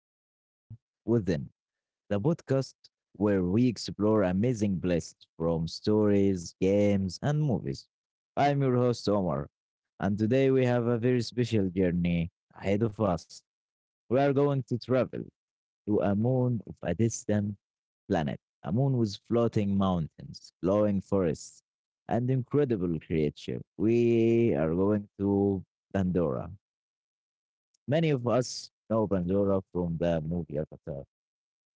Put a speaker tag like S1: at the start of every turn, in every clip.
S1: The World Within, the podcast where we explore amazing bliss from stories, games, and movies. I'm your host, Omar, and today we have a very special journey ahead of us. We are going to travel to a moon of a distant planet, a moon with floating mountains, glowing forests, and incredible creature. We are going to Pandora. Many of us know Pandora from the movie Avatar,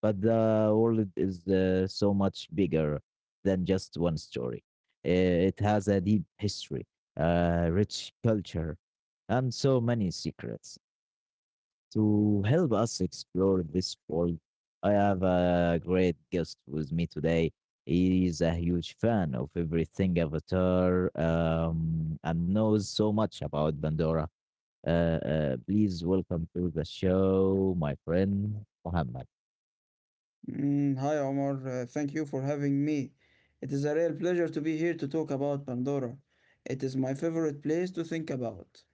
S1: but the world is so much bigger than just one story. It has a deep history, a rich culture, and so many secrets. To help us explore this world, I have a great guest with me today. He is a huge fan of everything Avatar and knows so much about Pandora please welcome to the show, my friend Muhammad.
S2: Hi Omar, thank you for having me. It is a real pleasure to be here to talk about Pandora. It is my favorite place to think about.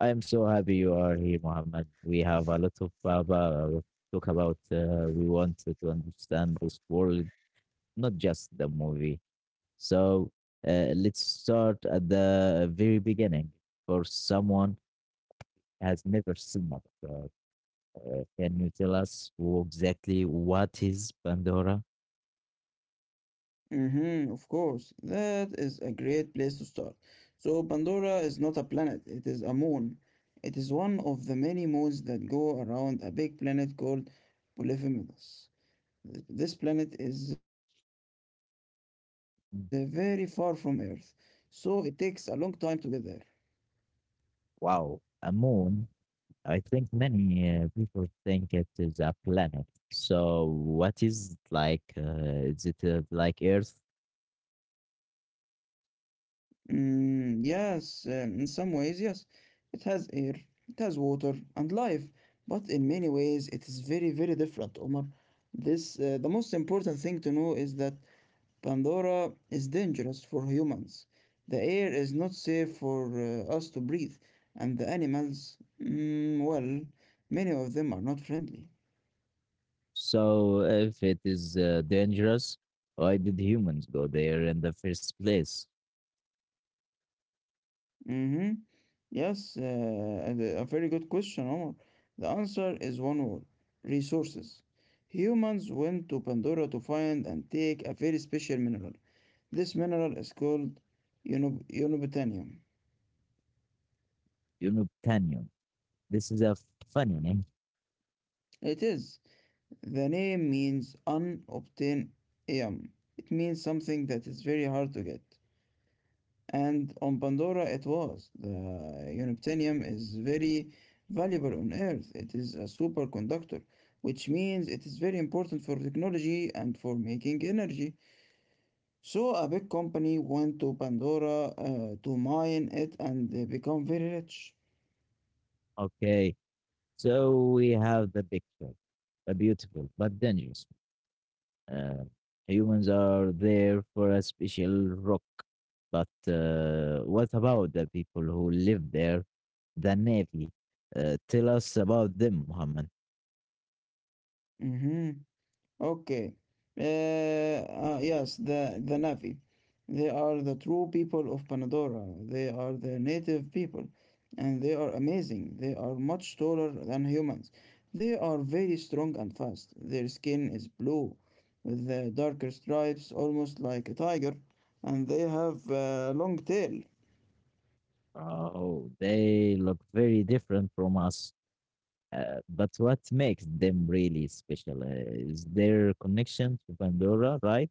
S1: I am so happy you are here, Muhammad. We have a lot of Baba to talk about. We want to understand this world, not just the movie. So let's start at the very beginning. For someone has never seen it, can you tell us who exactly what is Pandora?
S2: Mm-hmm, of course, that is a great place to start. So, Pandora is not a planet, it is a moon. It is one of the many moons that go around a big planet called Polyphemous. This planet is very far from Earth, so it takes a long time to get there.
S1: Wow, a moon. I think many people think it is a planet. So what is like? Is it like Earth?
S2: Yes, in some ways, yes. It has air, it has water and life, but in many ways it is very, very different, Omar. This The most important thing to know is that Pandora is dangerous for humans. The air is not safe for us to breathe, and the animals, well, many of them are not friendly.
S1: So if it is dangerous, why did humans go there in the first place?
S2: Mm-hmm. Yes, and a very good question, Omar. The answer is one word: resources. Humans went to Pandora to find and take a very special mineral. This mineral is called unobtainium.
S1: You, this is a funny name.
S2: It is. The name means unobtainium. It means something that is very hard to get. And on Pandora it was. The unobtainium is very valuable on Earth. It is a superconductor, which means it is very important for technology and for making energy. So a big company went to Pandora to mine it and they become very rich.
S1: Okay, so we have the picture, a beautiful but dangerous. Uh, Humans are there for a special rock. But what about the people who live there, the Navy? Tell us about them, Muhammad.
S2: Mhm. Okay. Uh, yes, the Navi. They are the true people of Pandora. They are the native people. And they are amazing. They are much taller than humans. They are very strong and fast. Their skin is blue, with darker stripes, almost like a tiger. And they have a long tail.
S1: Oh, they look very different from us. But what makes them really special is their connection to Pandora, right?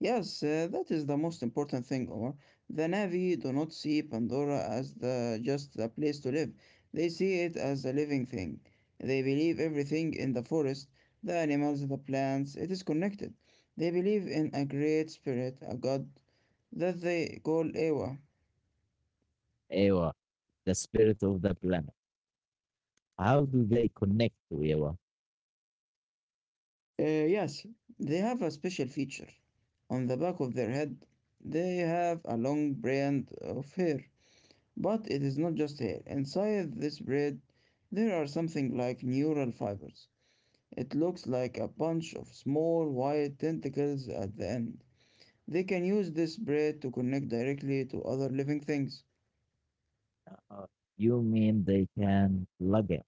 S2: Yes, that is the most important thing, Omar. The Na'vi do not see Pandora as the just a place to live. They see it as a living thing. They believe everything in the forest, the animals, the plants, it is connected. They believe in a great spirit, a god that they call Ewa.
S1: Ewa, the spirit of the planet. How do they connect to Ewa?
S2: Yes, they have a special feature. On the back of their head, they have a long brand of hair. But it is not just hair. Inside this bread, there are something like neural fibers. It looks like a bunch of small white tentacles at the end. They can use this bread to connect directly to other living things.
S1: Uh, you mean they can plug in?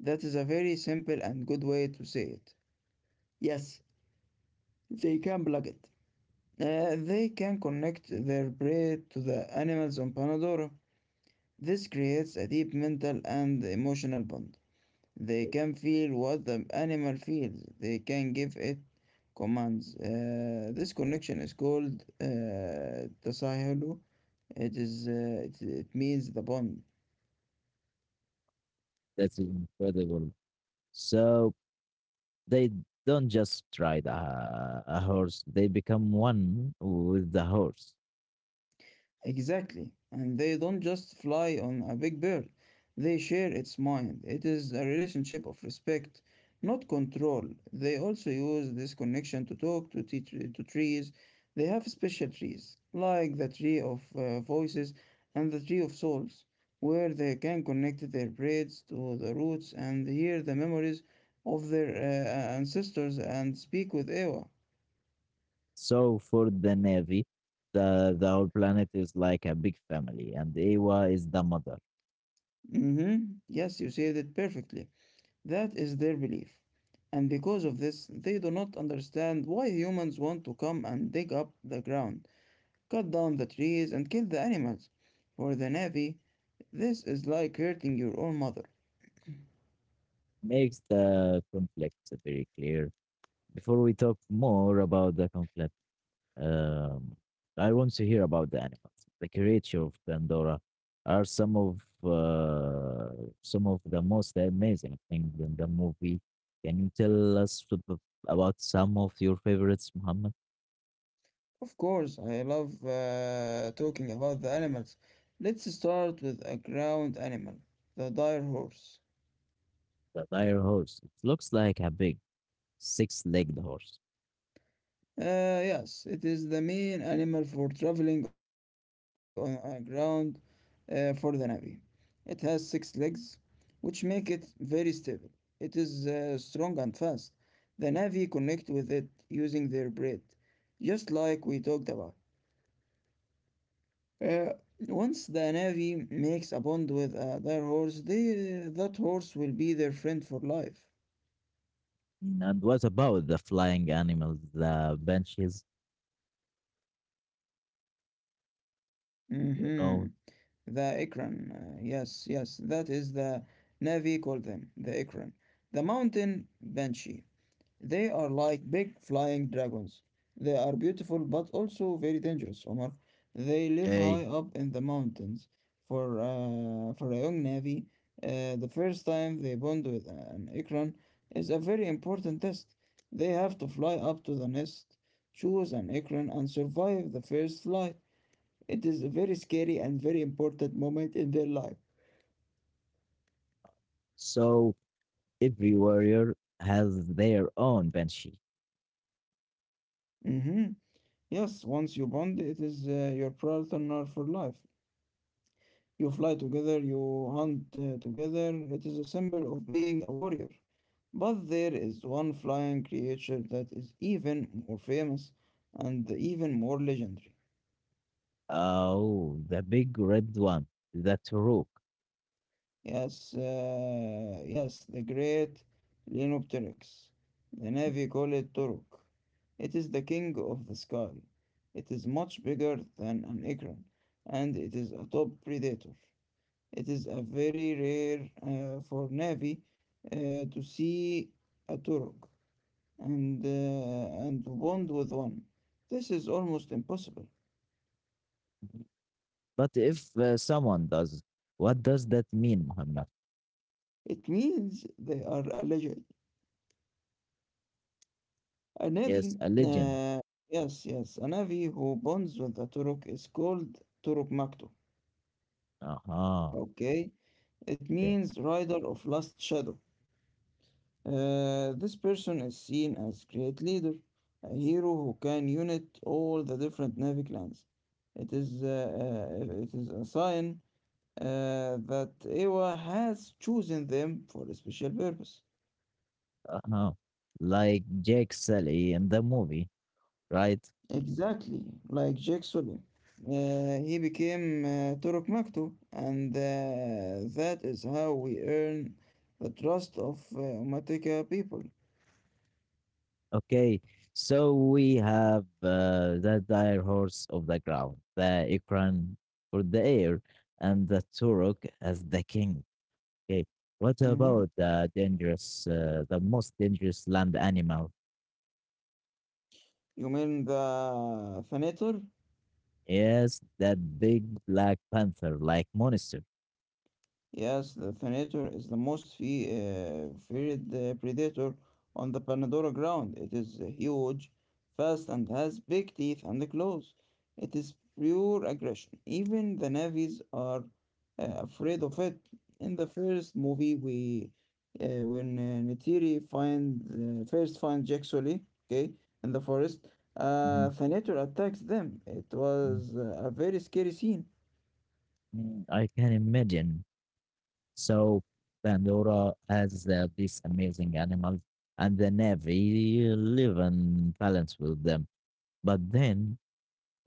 S2: That is a very simple and good way to say it. Yes, they can plug it. They can connect their bread to the animals on Panadora. This creates a deep mental and emotional bond. They can feel what the animal feels. They can give it commands. This connection is called تساهل. It is it means the bond.
S1: That's incredible. So they don't just ride a horse; they become one with the horse.
S2: Exactly. And they don't just fly on a big bird, they share its mind. It is a relationship of respect, not control. They also use this connection to talk to trees. They have special trees, like the tree of voices and the tree of souls, where they can connect their braids to the roots and hear the memories of their ancestors and speak with Ewa.
S1: So for the Navy, the whole planet is like a big family, and Ewa is the mother.
S2: Mm-hmm. Yes, you said it perfectly. That is their belief. And because of this, they do not understand why humans want to come and dig up the ground, cut down the trees, and kill the animals. For the Navy, this is like hurting your own mother.
S1: Makes the conflict very clear. Before we talk more about the conflict, um, I want to hear about the animals. The creature of Pandora are some of the most amazing things in the movie. Can you tell us about some of your favorites, Muhammad?
S2: Of course, I love talking about the animals. Let's start with a ground animal, the dire horse.
S1: The dire horse. It looks like a big six-legged horse.
S2: Yes, it is the main animal for traveling on ground for the Navy. It has 6 legs, which make it very stable. It is strong and fast. The Navy connect with it using their breath, just like we talked about. Uh, Once the Navy makes a bond with their horse, that horse will be their friend for life.
S1: And what about the flying animals, the benches,
S2: Mm-hmm.
S1: you
S2: The
S1: know?
S2: Ikram. Yes, that is the Navy call them, the Ikram. The mountain banshee. They are like big flying dragons. They are beautiful but also very dangerous, Omar. They live
S1: Okay.
S2: high up in the mountains. For a young Navy, the first time they bond with an Ikram is a very important test. They have to fly up to the nest, choose an Ikram, and survive the first flight. It is a very scary and very important moment in their life.
S1: So every warrior has their own banshee.
S2: Mhm. Yes, once you bond, it is your partner for life. You fly together, you hunt together. It is a symbol of being a warrior. But there is one flying creature that is even more famous and even more legendary.
S1: Oh, the big red one, the Turuk.
S2: Yes, the great Lenopteryx. The Navy call it Turok. It is the king of the sky. It is much bigger than an acorn, and it is a top predator. It is a very rare for Navy to see a Turok and and to bond with one. This is almost impossible.
S1: But if someone does, what does that mean, Muhammad?
S2: It means they are alleged. A navy,
S1: Yes, a legend.
S2: yes, a navy who bonds with the Turok is called Turok Makto.
S1: Uh-huh.
S2: Okay, it
S1: Yeah.
S2: means Rider of Last Shadow. This person is seen as great leader, a hero who can unite all the different Na'vi clans. It is a sign that Ewa has chosen them for a special purpose.
S1: Uh-huh. Like Jake Sully in the movie, right?
S2: Exactly, like Jake Sully. He became Turok Maktoum, and that is how we earn the trust of Umatika people.
S1: Okay, so we have the dire horse of the ground, the ikran for the air, and the turok as the king.
S2: hmm
S1: Okay, what about the dangerous, the most dangerous land animal?
S2: You mean the Fanator?
S1: Yes, that big black panther, like monster.
S2: Yes, the Thanator is the most feared predator on the Pandora ground. It is huge, fast, and has big teeth and claws. It is pure aggression. Even the navies are afraid of it. In the first movie, we when Neytiri find first finds Jaxoli, okay, in the forest,
S1: Mhm,
S2: Thanator attacks them. It
S1: mhm,
S2: was a very scary scene.
S1: mm, I can imagine. So Pandora has these amazing animals, and the Navy live in balance with them. But then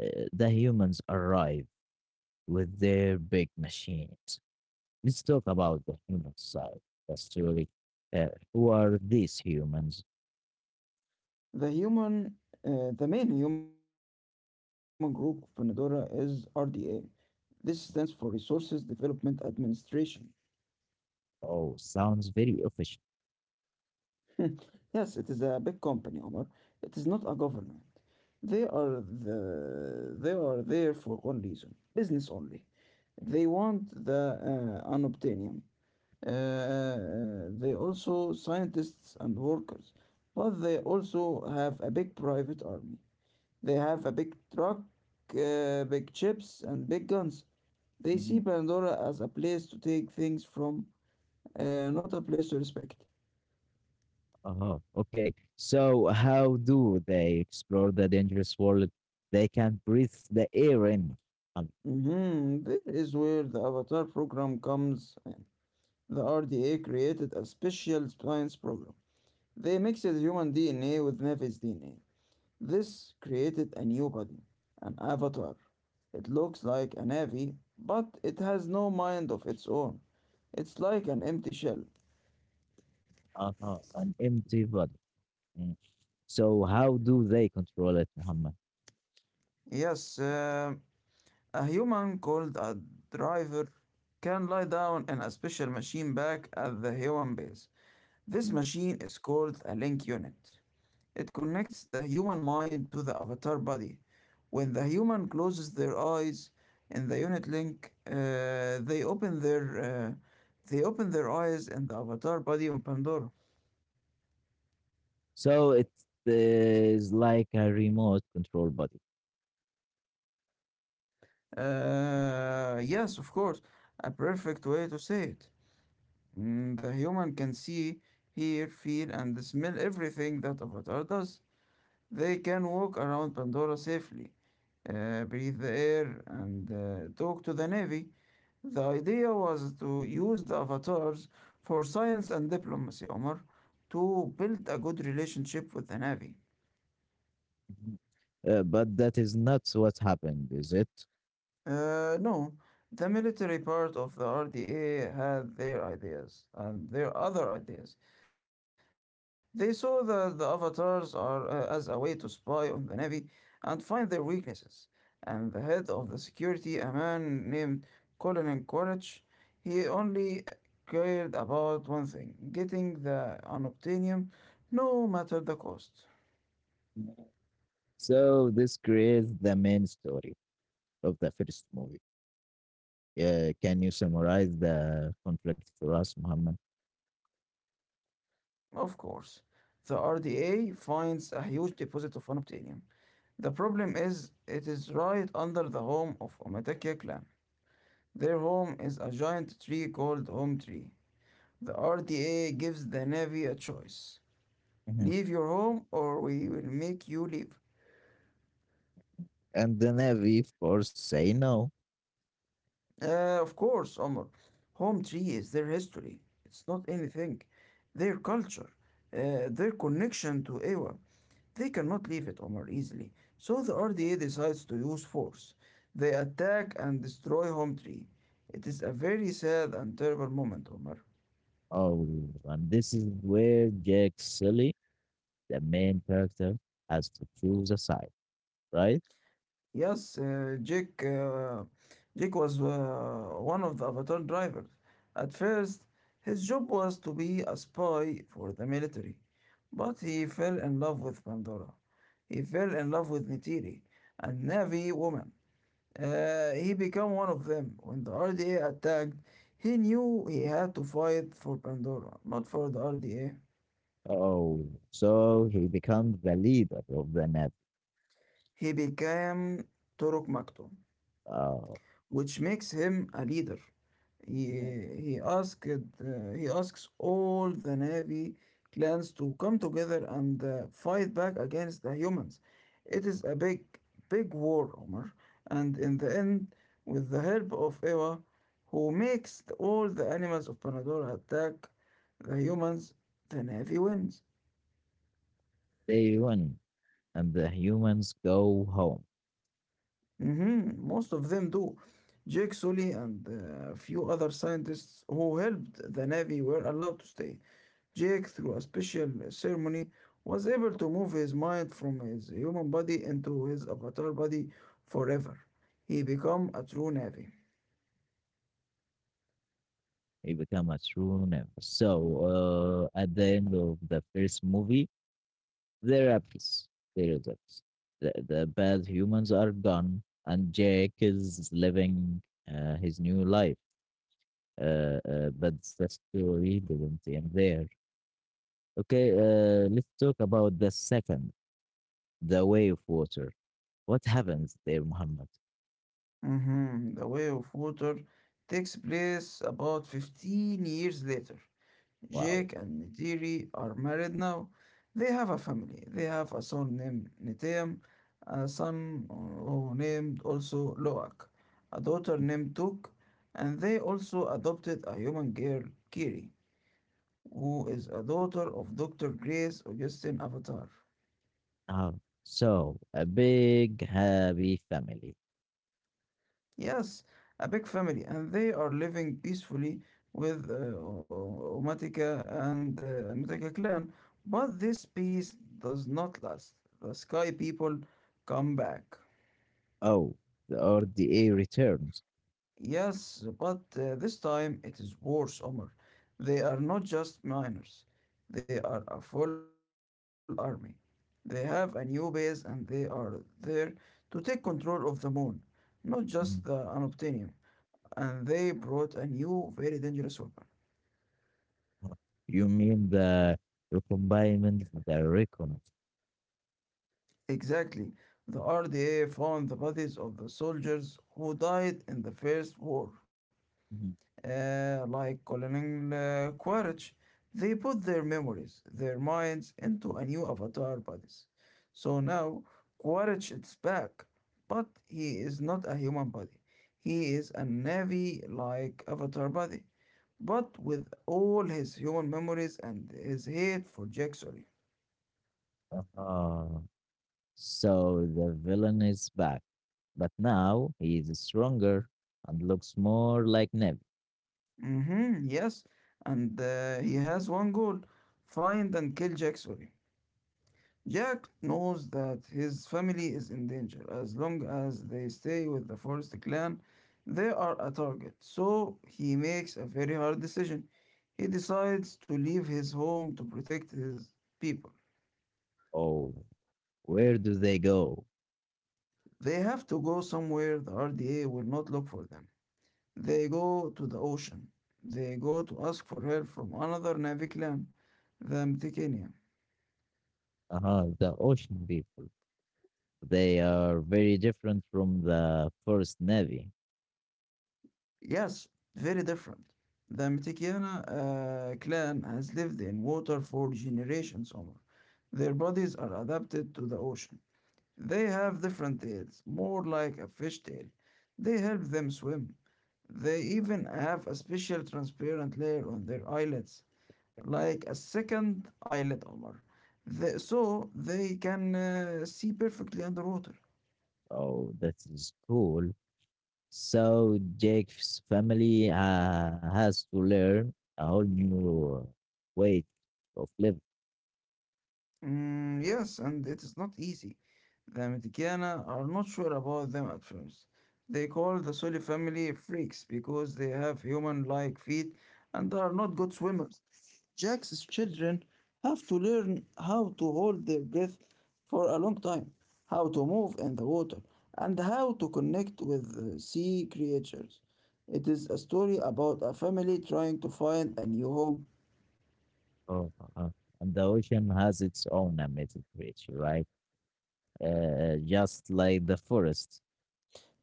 S1: the humans arrive with their big machines. Let's talk about the human side of the story. uh, who are these humans?
S2: The human, the main human group of Pandora is RDA. This stands for Resources Development Administration.
S1: Oh, sounds very official.
S2: Yes, it is a big company, Omar. It is not a government. They are there for one reason: business only. They want the unobtainium. They also scientists and workers, but they also have a big private army. They have a big truck, big chips, and big guns. They see
S1: Mhm.
S2: Pandora as a place to take things from, not a place to respect.
S1: Uh-huh. Okay. So how do they explore the dangerous world? They can breathe the air in, um,
S2: Mm-hmm. This is where the Avatar program comes in. The RDA created a special science program. They mixed human DNA with Nevi's DNA. This created a new body, an avatar. It looks like a Navi, but it has no mind of its own. It's like an empty shell.
S1: uh-huh, an empty body. Mm. So how do they control it, Muhammad?
S2: Yes, a human called a driver can lie down in a special machine back at the human base. This
S1: Mm.
S2: machine is called a link unit. It connects the human mind to the avatar body. When the human closes their eyes in the unit link, they open their uh, they open their eyes in the avatar body on Pandora.
S1: So it is like a remote control body.
S2: Yes, of course, a perfect way to say it. The human can see, hear, feel, and smell everything that Avatar does. They can walk around Pandora safely, breathe the air, and talk to the Navy. The idea was to use the Avatars for science and diplomacy, Omar, to build a good relationship with the Navy.
S1: But that is not what happened, is it?
S2: No, the military part of the RDA had their ideas and their other ideas. They saw that the avatars are as a way to spy on the Navy and find their weaknesses. And the head of the security, a man named Colin Quaritch, he only cared about one thing: getting the unobtainium, no matter the cost.
S1: So this creates the main story of the first movie. Can you summarize the conflict for us, Muhammad?
S2: Of course, the RDA finds a huge deposit of unobtainium. The problem is, it is right under the home of Omatake clan. Their home is a giant tree called Home Tree. The RDA gives the Navy a choice.
S1: Mhm.
S2: Leave your home or we will make you leave.
S1: And the Navy, of course, say no.
S2: Of course, Omar. Home Tree is their history. It's not anything. Their culture. Their connection to Ewa. They cannot leave it, Omar, easily, so the RDA decides to use force. They attack and destroy Home Tree. It is a very sad and terrible moment, Omar.
S1: Oh, and this is where Jack Sully, the main character, has to choose a side, right?
S2: Yes, Jake was one of the Avatar drivers. At first, his job was to be a spy for the military, but he fell in love with Pandora. He fell in love with Nitiri, a Navi woman. He became one of them. When the RDA attacked, he knew he had to fight for Pandora, not for the RDA.
S1: Oh, so he becomes the leader of the Navy.
S2: He became Turok Maktoum,
S1: Oh.
S2: which makes him a leader. He,
S1: Mhm.
S2: he asks all the Na'vi clans to come together and fight back against the humans. It is a big, big war, Omar. And in the end, with the help of Ewa, who makes all the animals of Panadora attack the humans, the Na'vi wins.
S1: They win, and the humans go home.
S2: Mhm. Most of them do. Jake Sully and a few other scientists who helped the Navy were allowed to stay. Jake, through a special ceremony, was able to move his mind from his human body into his avatar body forever. He became a true Navy.
S1: He become a true name. So at the end of the first movie, they're at peace. They're at, the bad humans are gone, and Jake is living his new life. But the story didn't end there. Okay, let's talk about the second, the way of water. What happens there, Muhammad?
S2: Mhm. The Way of Water takes place about 15 years later.
S1: Wow.
S2: Jake and Nadiri are married now. They have a family. They have a son named Nitam, a son who named also Loak, a daughter named Tuk, and they also adopted a human girl, Kiri, who is a daughter of Dr. Grace Augustine Avatar.
S1: Oh, so a big happy family.
S2: Yes, a big family, and they are living peacefully with Omatica and Omatica clan. But this peace does not last. The Sky people come back.
S1: Oh, the RDA returns.
S2: Yes, but this time it is worse, Omar. They are not just miners, they are a full army. They have a new base and they are there to take control of the moon, not just the unobtainium, and they brought a new, very dangerous weapon.
S1: You mean the recombinant, the recon.
S2: Exactly. The RDA found the bodies of the soldiers who died in the First War,
S1: Mhm.
S2: like Colonel Quaritch. They put their memories, their minds, into a new avatar bodies. So now Quaritch is back, but he is not a human body. He is a Navy-like avatar body, but with all his human memories and his hate for Jack Sully.
S1: Uh, so the villain is back, but now he is stronger and looks more like Neb.
S2: Mm-hmm, yes, and he has one goal: find and kill Jack Sawyer. Jack knows that his family is in danger. As long as they stay with the Forest clan, they are a target. So he makes a very hard decision. He decides to leave his home to protect his people.
S1: Oh, where do they go?
S2: They have to go somewhere the RDA will not look for them. They go to the ocean. They go to ask for help from another Navy clan, the Mtikinian.
S1: Uh-huh, the ocean people. They are very different from the first Navy.
S2: Yes, very different. The Mitikiana clan has lived in water for generations, Omar. Their bodies are adapted to the ocean. They have different tails, more like a fish tail. They help them swim. They even have a special transparent layer on their eyelids, like a second eyelid, Omar. So they can see perfectly underwater.
S1: Oh, that is cool. So Jake's family has to learn a whole new way of living.
S2: Mm, yes, and it is not easy. The Medicana are not sure about them at first. They call the Soli family freaks because they have human like feet and are not good swimmers. Jack's children have to learn how to hold their breath for a long time, how to move in the water, and how to connect with sea creatures. It is a story about a family trying to find a new home.
S1: Oh, and the ocean has its own amazing creature, right? Just like the forest.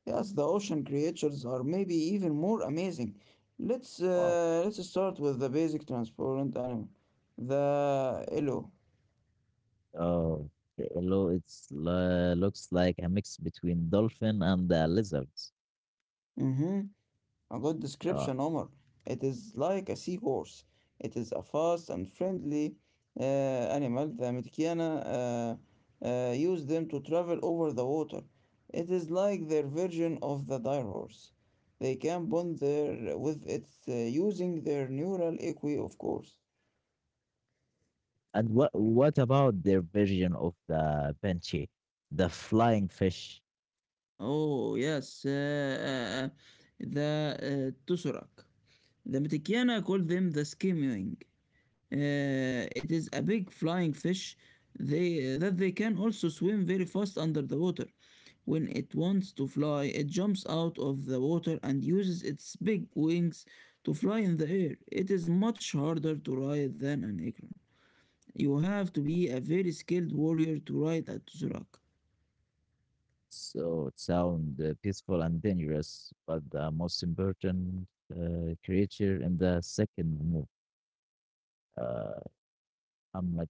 S2: Yes, the ocean creatures are maybe even more amazing. Let's
S1: Wow.
S2: uh, let's start with the basic transparent animal, the elo.
S1: Oh, hello. It's looks like a mix between dolphin and the lizards.
S2: Mm-hmm. A good
S1: Uh,
S2: description, Omar. It is like a seahorse. It is a fast and friendly animal. The Metikiana use them to travel over the water. It is like their version of the dire horse. They can bond their with it using their neural equi, of course.
S1: and what about their version of the banshee, the flying fish?
S2: Oh, yes. The Tusarak. The Metikiana call them the skimming. Uh, it is a big flying fish that they can also swim very fast under the water. When it wants to fly, it jumps out of the water and uses its big wings to fly in the air. It is much harder to ride than an acorn. You have to be a very skilled warrior to ride a Tusarak.
S1: So it sounds peaceful and dangerous, but the most important creature in the second move. Uh, Ahmad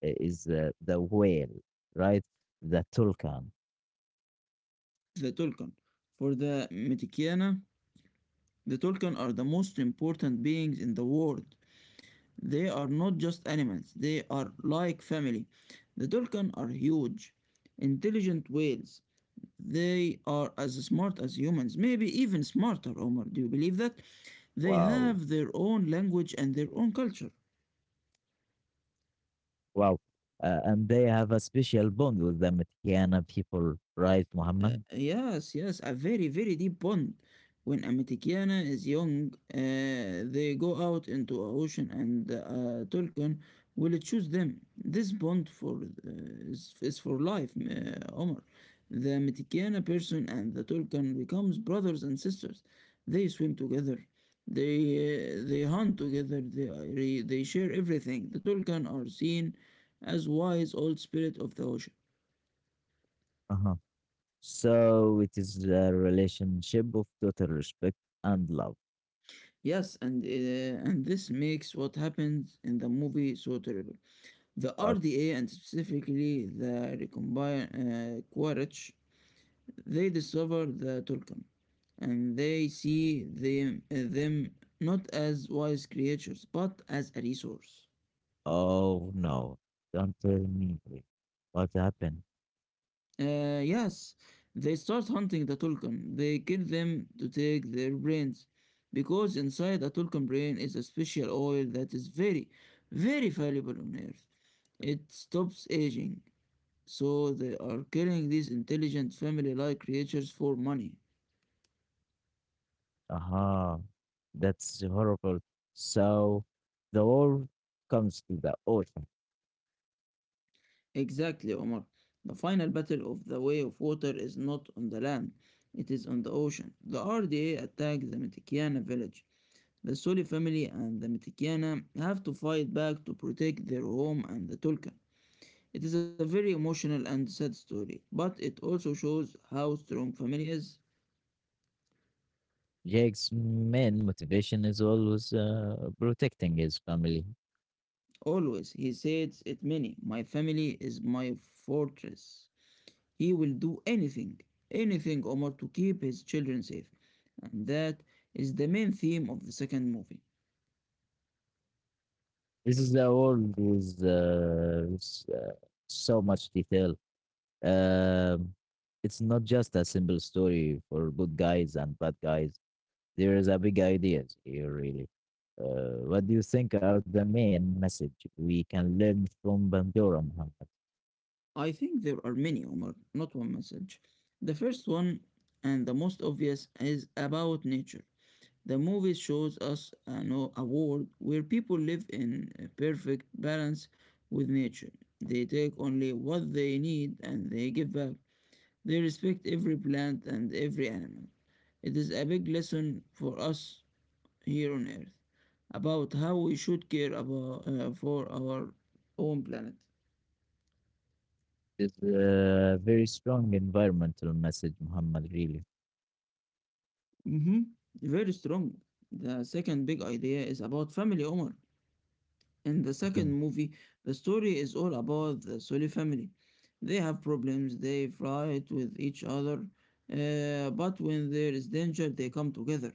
S1: is the whale, right? The Tulkan.
S2: The Tulkan. For the Metikiana. The Tolkien are the most important beings in the world. They are not just animals, they are like family. The Tolkien are huge, intelligent whales. They are as smart as humans, maybe even smarter, Omar. Do you believe that? They
S1: Wow,
S2: have their own language and their own culture.
S1: wow. And they have a special bond with the Metiana people, right, Muhammad?
S2: Yes, yes, a very, very deep bond. When a Metikiana is young, they go out into a ocean and Tulkan will choose them. This bond is for life, Omar. The Metikiana person and the Tulkan becomes brothers and sisters. They swim together. They hunt together. They share everything. The Tulkan are seen as wise old spirit of the ocean.
S1: Uh-huh. So it is a relationship of total respect and love.
S2: Yes, and and this makes what happens in the movie so terrible. The
S1: But
S2: RDA, and specifically the Recombine Quaritch, they discover the Tulkan, and they see them not as wise creatures but as a resource.
S1: oh no, don't tell me what happened.
S2: Yes, they start hunting the Tulkan. They kill them to take their brains, because inside the Tulkan brain is a special oil that is very, very valuable on Earth. It stops aging, so they are killing these intelligent family-like creatures for money.
S1: Uh-huh. That's horrible. So the war comes to the ocean.
S2: Exactly, Omar. The final battle of the way of water is not on the land, it is on the ocean. The RDA attack the Mitikiana village. The Soli family and the Mitikiana have to fight back to protect their home and the Tulkan. It is a very emotional and sad story, but it also shows how strong family is.
S1: Jack's main motivation is always protecting his family.
S2: Always, he says it many. My family is my fortress. He will do anything, anything Omar, to keep his children safe. And that is the main theme of the second movie.
S1: This is the world with, uh, so much detail. Um it's not just a simple story for good guys and bad guys. There is a big ideas here, really. What do you think are the main message we can learn from Bandura, Muhammad?
S2: I think there are many Omar, not one message. The first one, and the most obvious, is about nature. The movie shows us a world where people live in a perfect balance with nature. They take only what they need and they give back. They respect every plant and every animal. It is a big lesson for us here on Earth about how we should care about for our own planet.
S1: It's a very strong environmental message, Muhammad, really.
S2: Hmm. Very strong. The second big idea is about family, Omar. In the
S1: Mhm,
S2: second movie, the story is all about the Sully family. They have problems, they fight with each other, but when there is danger, they come together.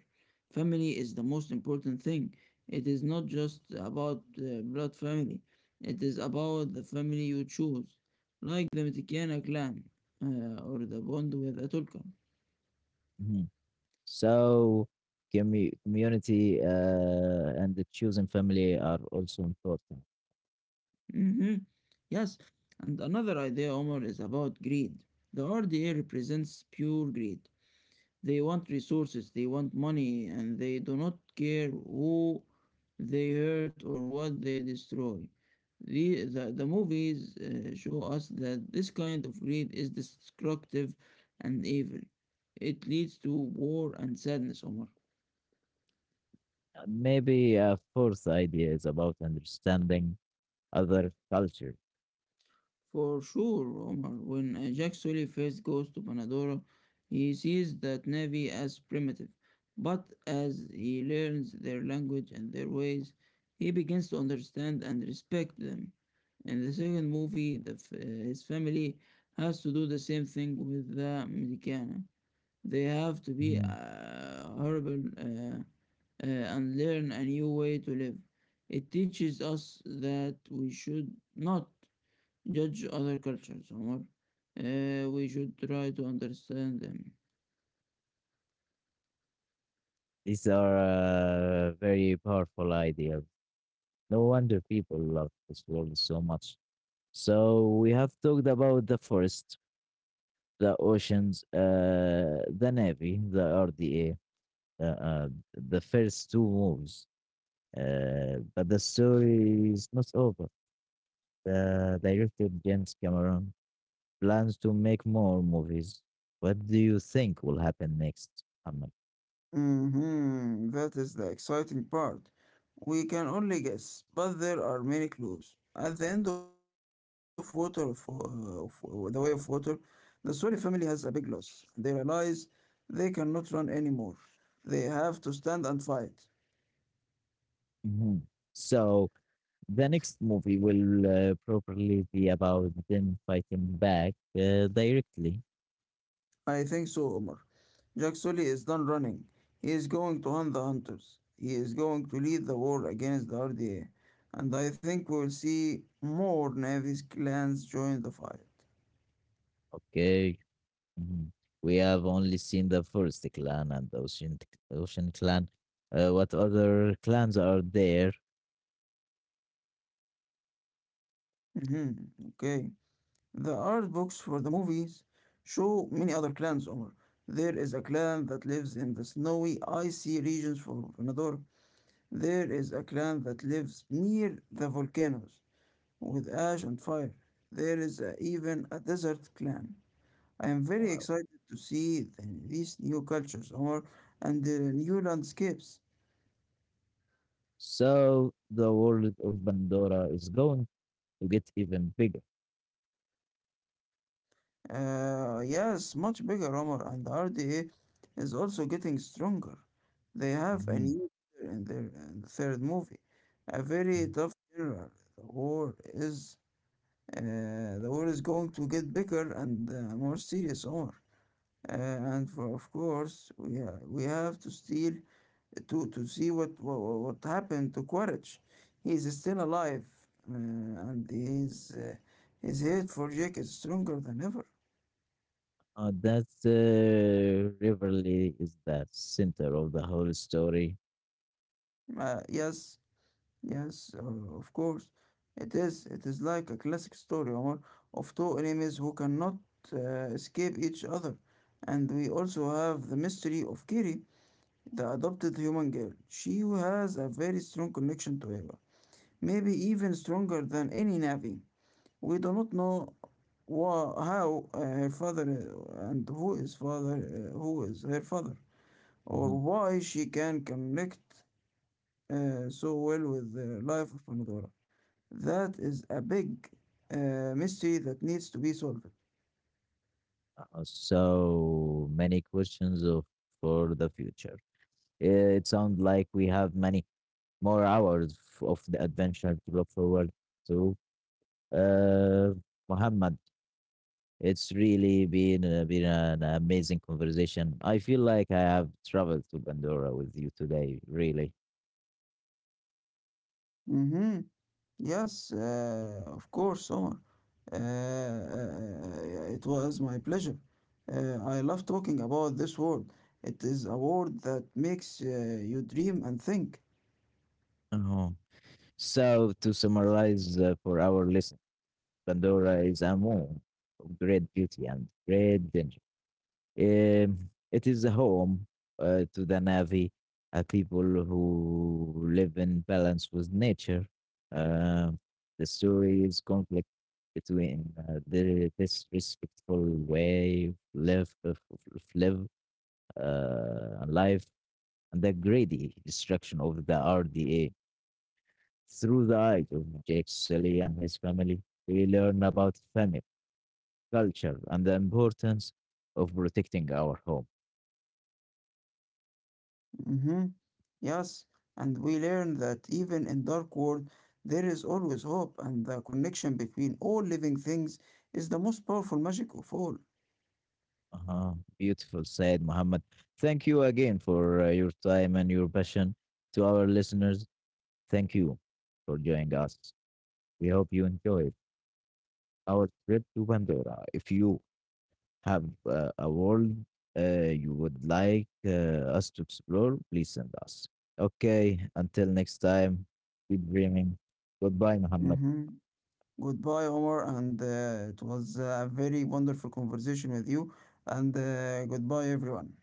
S2: Family is the most important thing. It is not just about blood family, it is about the family you choose, like the Mitikiana clan or the bond with Atulkan.
S1: mhm. So community and the chosen family are also important.
S2: Mm-hmm. Yes, and another idea, Omar, is about greed. The RDA represents pure greed. They want resources, they want money, and they do not care who they hurt or what they destroy. The movies show us that this kind of greed is destructive and evil. It leads to war and sadness, Omar.
S1: Maybe a fourth idea is about understanding other culture.
S2: For sure, Omar, when Jack Sully first goes to Panadora, he sees that Navy as primitive. But as he learns their language and their ways, he begins to understand and respect them. In the second movie, his family has to do the same thing with the Medicana. They have to be
S1: Mhm.
S2: horrible and learn a new way to live. It teaches us that we should not judge other cultures or we should try to understand them.
S1: These are very powerful ideas. No wonder people love this world so much. So we have talked about the forest, the oceans, the navy, the RDA, uh, uh, the first two moves. But the story is not over. The director James Cameron plans to make more movies. What do you think will happen next, Ahmed?
S2: Mm-hmm. That is the exciting part. We can only guess, but there are many clues. At the end of the Way of Water, the Sori family has a big loss. They realize they cannot run anymore. They have to stand and fight.
S1: Mhm. So the next movie will probably be about them fighting back directly.
S2: I think so, Omar. Jack Sully is done running. He is going to hunt the hunters. He is going to lead the war against the RDA. And I think we will see more Navy's clans join the fight.
S1: Okay. Mhm. We have only seen the Forest Clan and the Ocean Clan. What other clans are there?
S2: Hmm. Okay. The art books for the movies show many other clans, Omar. There is a clan that lives in the snowy, icy regions of Venador. There is a clan that lives near the volcanoes, with ash and fire. There is even a desert clan. I am very
S1: Wow.
S2: excited to see these new cultures, Omar, and the new landscapes.
S1: So the world of Pandora is going to get even bigger.
S2: Yes, much bigger, Omar, and the RDA is also getting stronger. They have a new leader in the third movie, a very
S1: Mhm.
S2: tough general. The war is the war is going to get bigger and more serious, Omar. And for of course, we have to steal to see what happened to Quaritch. He is still alive, uh, and his hate for Jake is stronger than ever.
S1: That Riverly is the center of the whole story.
S2: Yes, yes, of course, it is. It is like a classic story, Omar, of two enemies who cannot escape each other. And we also have the mystery of Kiri, the adopted human girl. She has a very strong connection to Eva, maybe even stronger than any Navi. We do not know wha- how her father and who is father who is her father or
S1: Mhm.
S2: why she can connect so well with the life of Pandora. That is a big mystery that needs to be solved.
S1: So many questions of for the future. It sounds like we have many more hours of the adventure to look forward to. Uh, Muhammad, it's really been been an amazing conversation. I feel like I have traveled to Pandora with you today. Really.
S2: Mm-hmm. Yes, of course, Omar. It was my pleasure. I love talking about this word. It is a word that makes you dream and think.
S1: Oh. So to summarize for our listeners. Pandora is a moon of great beauty and great danger. It is a home to the Navi, a people who live in balance with nature. Um the story is conflict between the disrespectful way of live, of- of live life and the greedy destruction of the RDA. Through the eyes of Jake Sully and his family, we learn about family culture and the importance of protecting our home.
S2: Mm-hmm. Yes, and we learn that even in dark world, there is always hope, and the connection between all living things is the most powerful magic of all.
S1: Uh-huh. Beautiful said, Muhammad. Thank you again for your time and your passion. To our listeners, thank you for joining us. We hope you enjoyed our trip to Pandora. If you have a world you would like us to explore, please send us. Okay, until next time, keep dreaming. Goodbye, Muhammad.
S2: Mm-hmm. Goodbye, Omar, and it was a very wonderful conversation with you. And goodbye, everyone.